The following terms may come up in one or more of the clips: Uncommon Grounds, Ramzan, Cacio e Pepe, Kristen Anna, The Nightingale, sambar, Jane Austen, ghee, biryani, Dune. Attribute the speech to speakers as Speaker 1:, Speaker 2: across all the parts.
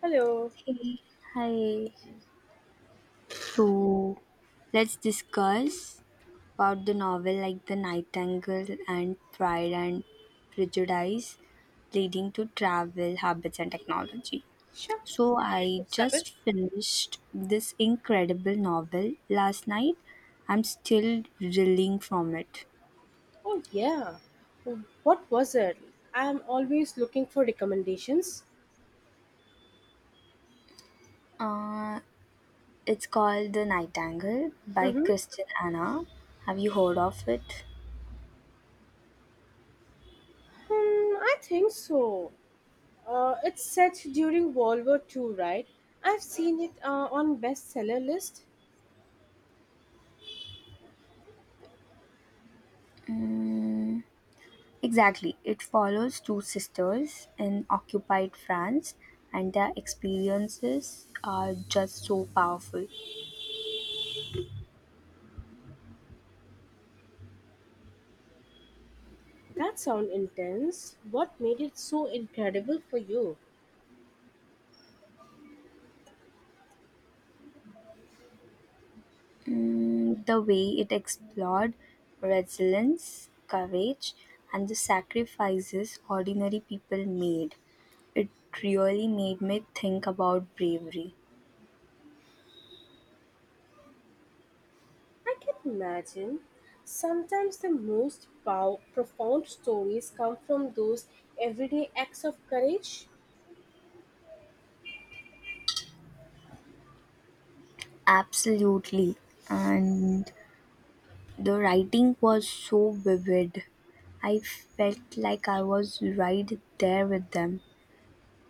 Speaker 1: Hello.
Speaker 2: Hey, hi. So let's discuss about the novel like The Nightingale and Pride and Prejudice leading to travel habits and technology.
Speaker 1: Sure,
Speaker 2: So
Speaker 1: you
Speaker 2: I
Speaker 1: should step in.
Speaker 2: just finished this incredible novel last night. I'm still reeling from it.
Speaker 1: Oh, yeah. What was it? I'm always looking for recommendations.
Speaker 2: Uh, it's called The Nightingale by
Speaker 1: Mm-hmm.
Speaker 2: Kristen Anna. Have you heard of it?
Speaker 1: Hmm, I think so. It's set during World War Two, right? I've seen it on bestseller list.
Speaker 2: Mm. Exactly. It follows two sisters in occupied France, and their experiences are just so powerful.
Speaker 1: That sounds intense. What made it so incredible for you?
Speaker 2: Mm, the way it explored resilience, courage, and the sacrifices ordinary people made. It really made me think about bravery.
Speaker 1: I can imagine. Sometimes the most profound stories come from those everyday acts of courage.
Speaker 2: Absolutely. And the writing was so vivid. I felt like I was right there with them.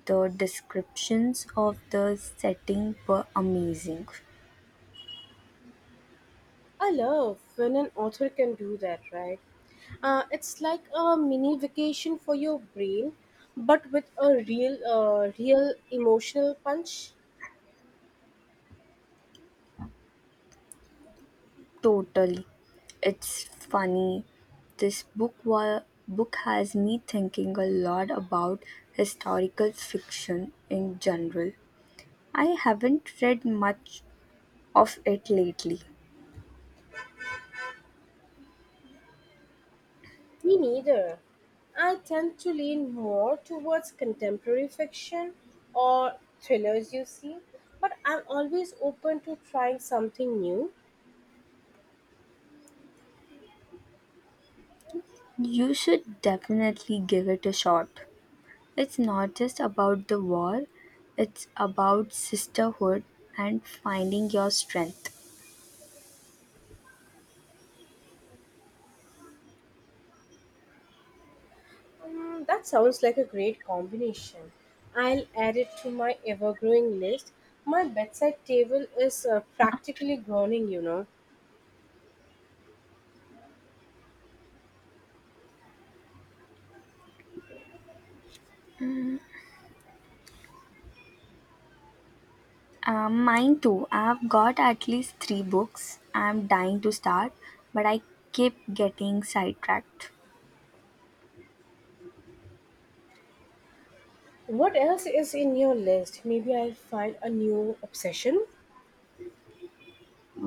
Speaker 2: The descriptions of the setting were amazing.
Speaker 1: I love when an author can do that, right? It's like a mini vacation for your brain, but with a real emotional punch.
Speaker 2: Totally. It's funny. This book wa- book has me thinking a lot about historical fiction in general. I haven't read much of it lately.
Speaker 1: Me neither. I tend to lean more towards contemporary fiction or thrillers, you see, but I'm always open to trying something new.
Speaker 2: You should definitely give it a shot. It's not just about the war, it's about sisterhood and finding your strength.
Speaker 1: Mm, that sounds like a great combination. I'll add it to my ever growing list. My bedside table is practically groaning.
Speaker 2: Mine too. I've got at least three books I'm dying to start, but I keep getting sidetracked.
Speaker 1: What else is in your list? Maybe I'll find a new obsession?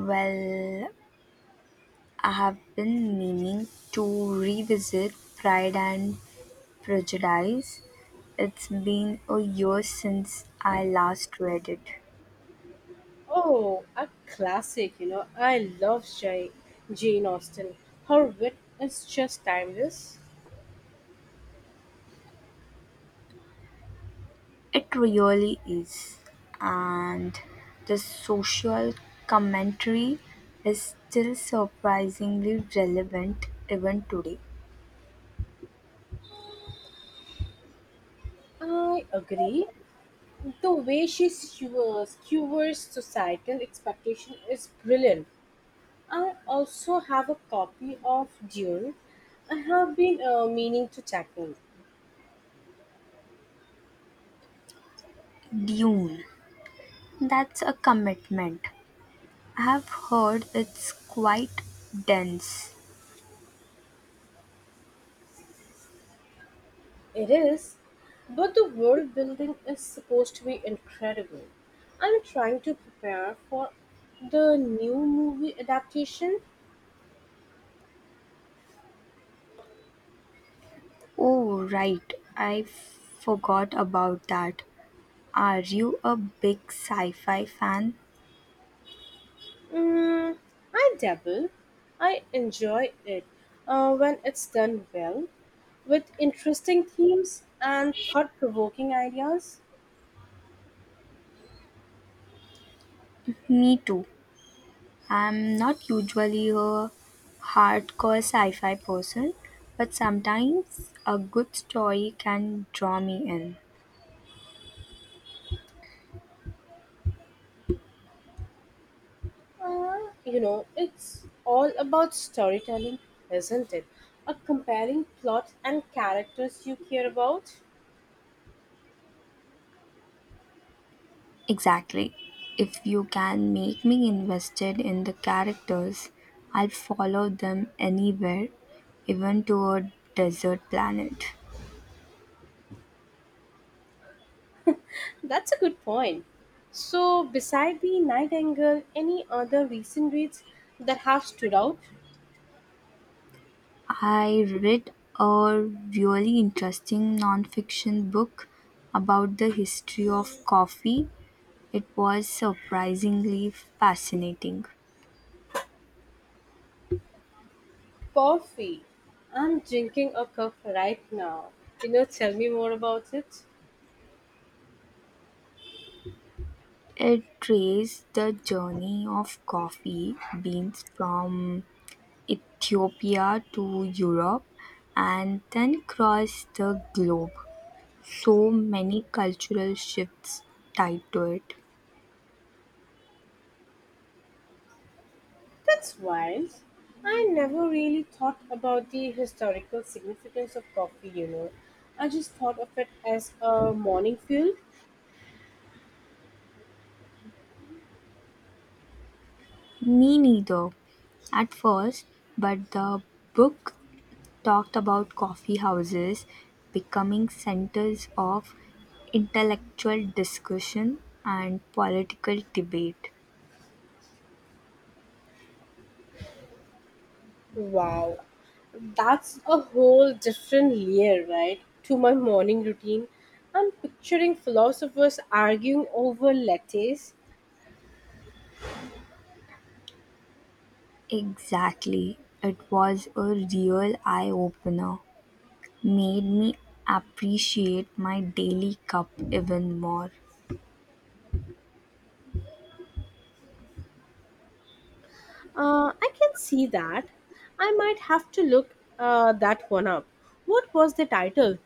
Speaker 2: Well, I have been meaning to revisit Pride and Prejudice. It's been a year since I last read it.
Speaker 1: Oh, a classic, you know. I love Jane Austen. Her wit is just timeless.
Speaker 2: It really is. And the social commentary is still surprisingly relevant even today.
Speaker 1: I agree. The way she skewers societal expectation is brilliant. I also have a copy of Dune. I have been meaning to tackle.
Speaker 2: Dune? That's a commitment. I've heard it's quite dense.
Speaker 1: It is, but the world building is supposed to be incredible. I'm trying to prepare for the new movie adaptation.
Speaker 2: Oh, right. I forgot about that. Are you a big sci fi fan?
Speaker 1: Mm, I dabble. I enjoy it when it's done well, with interesting themes and thought provoking ideas.
Speaker 2: Me too. I'm not usually a hardcore sci fi person, but sometimes a good story can draw me in.
Speaker 1: Uh, it's all about storytelling, isn't it? A compelling plot and characters you care about.
Speaker 2: Exactly. If you can make me invested in the characters, I'll follow them anywhere, even to a desert planet.
Speaker 1: That's a good point. So, beside the Nightingale, any other recent reads that have stood out?
Speaker 2: I read a really interesting nonfiction book about the history of coffee. It was surprisingly fascinating.
Speaker 1: Coffee. I'm drinking a cup right now. You know, tell me more about it.
Speaker 2: It traced the journey of coffee beans from Ethiopia to Europe and then across the globe. So many cultural shifts tied to it.
Speaker 1: That's wild. I never really thought about the historical significance of coffee. I just thought of it as a morning fuel.
Speaker 2: Me neither at first, but the book talked about coffee houses becoming centers of intellectual discussion and political debate.
Speaker 1: Wow, that's a whole different layer, right? To my morning routine. I'm picturing philosophers arguing over lattes.
Speaker 2: Exactly. It was a real eye opener. Made me appreciate my daily cup even more.
Speaker 1: I can see that. I might have to look that one up. What was the title?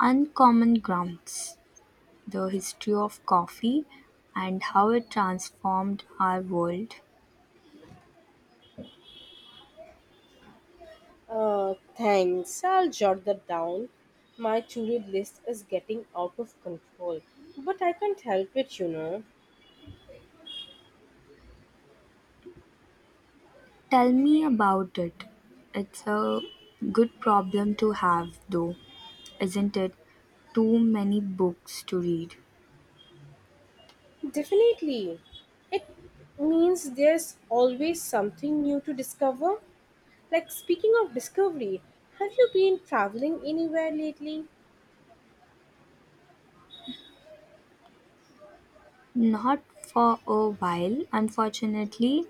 Speaker 2: Uncommon Grounds, the history of coffee and how it transformed our world.
Speaker 1: Thanks. I'll jot that down. My to-read list is getting out of control, but I can't help it.
Speaker 2: Tell me about it. It's a good problem to have, though, isn't it? Too many books to read.
Speaker 1: Definitely. It means there's always something new to discover. Like speaking of discovery, have you been traveling anywhere lately?
Speaker 2: Not for a while, unfortunately.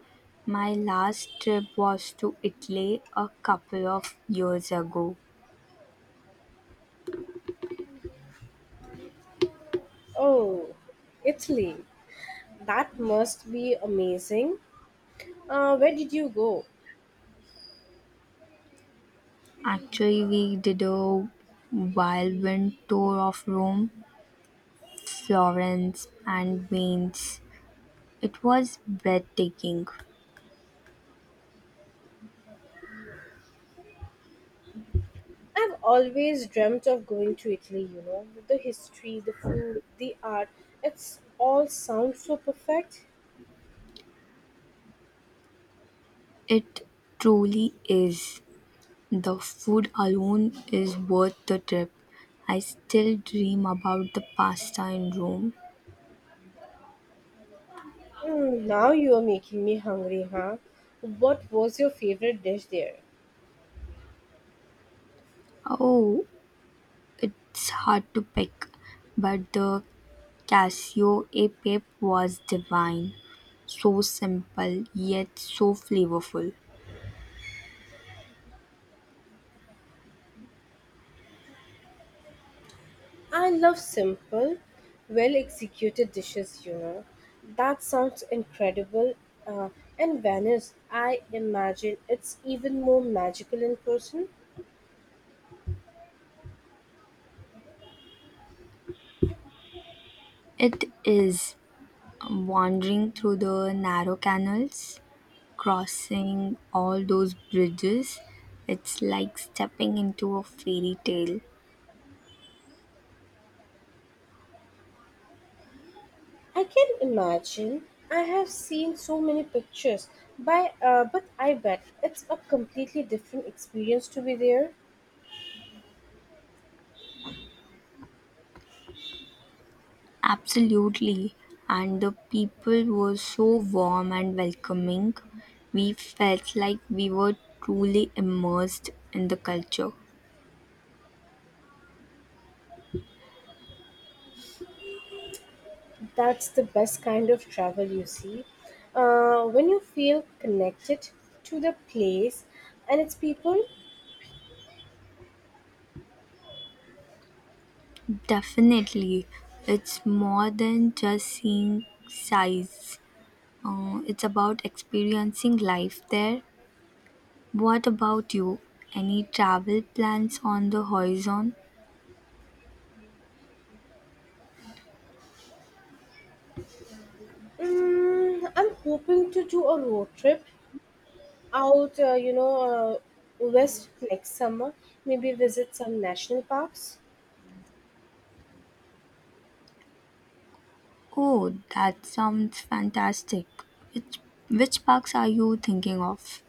Speaker 2: My last trip was to Italy a couple of years ago.
Speaker 1: Oh, Italy. That must be amazing. Where did you go?
Speaker 2: Actually, we did a whirlwind tour of Rome, Florence, and Venice. It was breathtaking.
Speaker 1: I've always dreamt of going to Italy, you know, with the history, the food, the art. It's all sounds so perfect.
Speaker 2: It truly is. The food alone is worth the trip. I still dream about the pasta in Rome.
Speaker 1: Mm, now you are making me hungry, huh? What was your favorite dish there?
Speaker 2: Oh, it's hard to pick, but the Casio e Pepe was divine. So simple, yet so flavorful.
Speaker 1: I love simple, well executed dishes, you know. That sounds incredible. Uh, and Venice, I imagine it's even more magical in person.
Speaker 2: It is wandering through the narrow canals, crossing all those bridges, it's like stepping into a fairy tale.
Speaker 1: I can imagine. I have seen so many pictures, but I bet it's a completely different experience to be there.
Speaker 2: Absolutely. And the people were so warm and welcoming. We felt like we were truly immersed in the culture.
Speaker 1: That's the best kind of travel, you see. When you feel connected to the place and its people.
Speaker 2: Definitely. It's more than just seeing sights. It's about experiencing life there. What about you? Any travel plans on the horizon?
Speaker 1: Mm, I'm hoping to do a road trip out, uh, you know, uh, west next summer. Maybe visit some national parks.
Speaker 2: Oh, that sounds fantastic. Which which parks are you thinking of?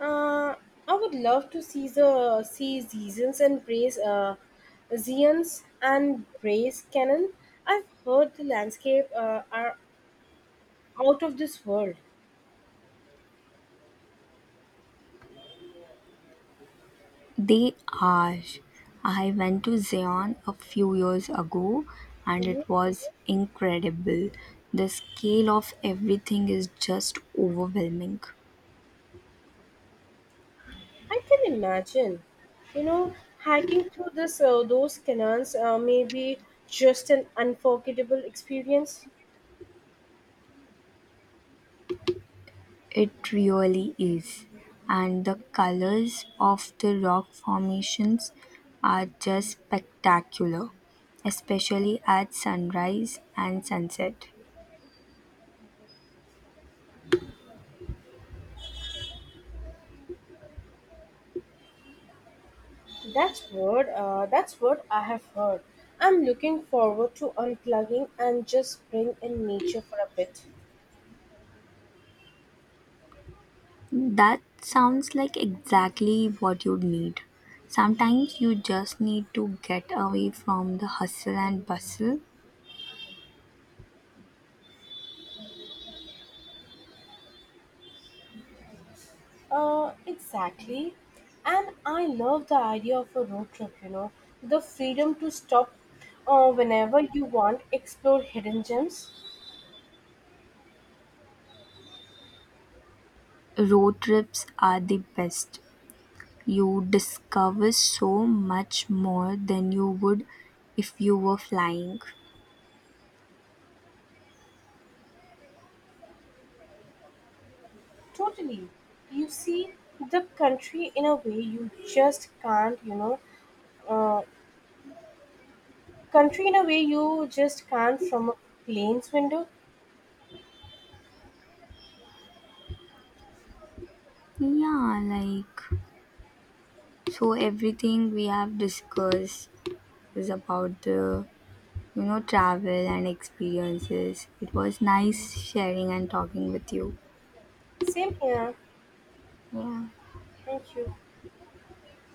Speaker 1: Uh, I would love to see the see seasons and brace zeons and brace cannon. I've heard the landscape are out of this world.
Speaker 2: They are. I went to Zion a few years ago and
Speaker 1: Hmm.
Speaker 2: it was incredible. The scale of everything is just overwhelming.
Speaker 1: I can imagine, you know, hiking through this those canons may be just an unforgettable experience.
Speaker 2: It really is. And the colors of the rock formations are just spectacular, especially at sunrise and sunset.
Speaker 1: That's what I have heard. I'm looking forward to unplugging and just being in nature for a bit.
Speaker 2: That sounds like exactly what you'd need. Sometimes you just need to get away from the hustle and bustle.
Speaker 1: Exactly. And I love the idea of a road trip. You know, the freedom to stop whenever you want, explore hidden gems.
Speaker 2: Road trips are the best. You discover so much more than you would if you were flying.
Speaker 1: Totally. You see the country in a way you just can't. Uh, country in a way you just can't from a plane's window.
Speaker 2: Yeah, like so everything we have discussed is about the travel and experiences. It was nice sharing and talking with you.
Speaker 1: Same here.
Speaker 2: Yeah.
Speaker 1: Thank you.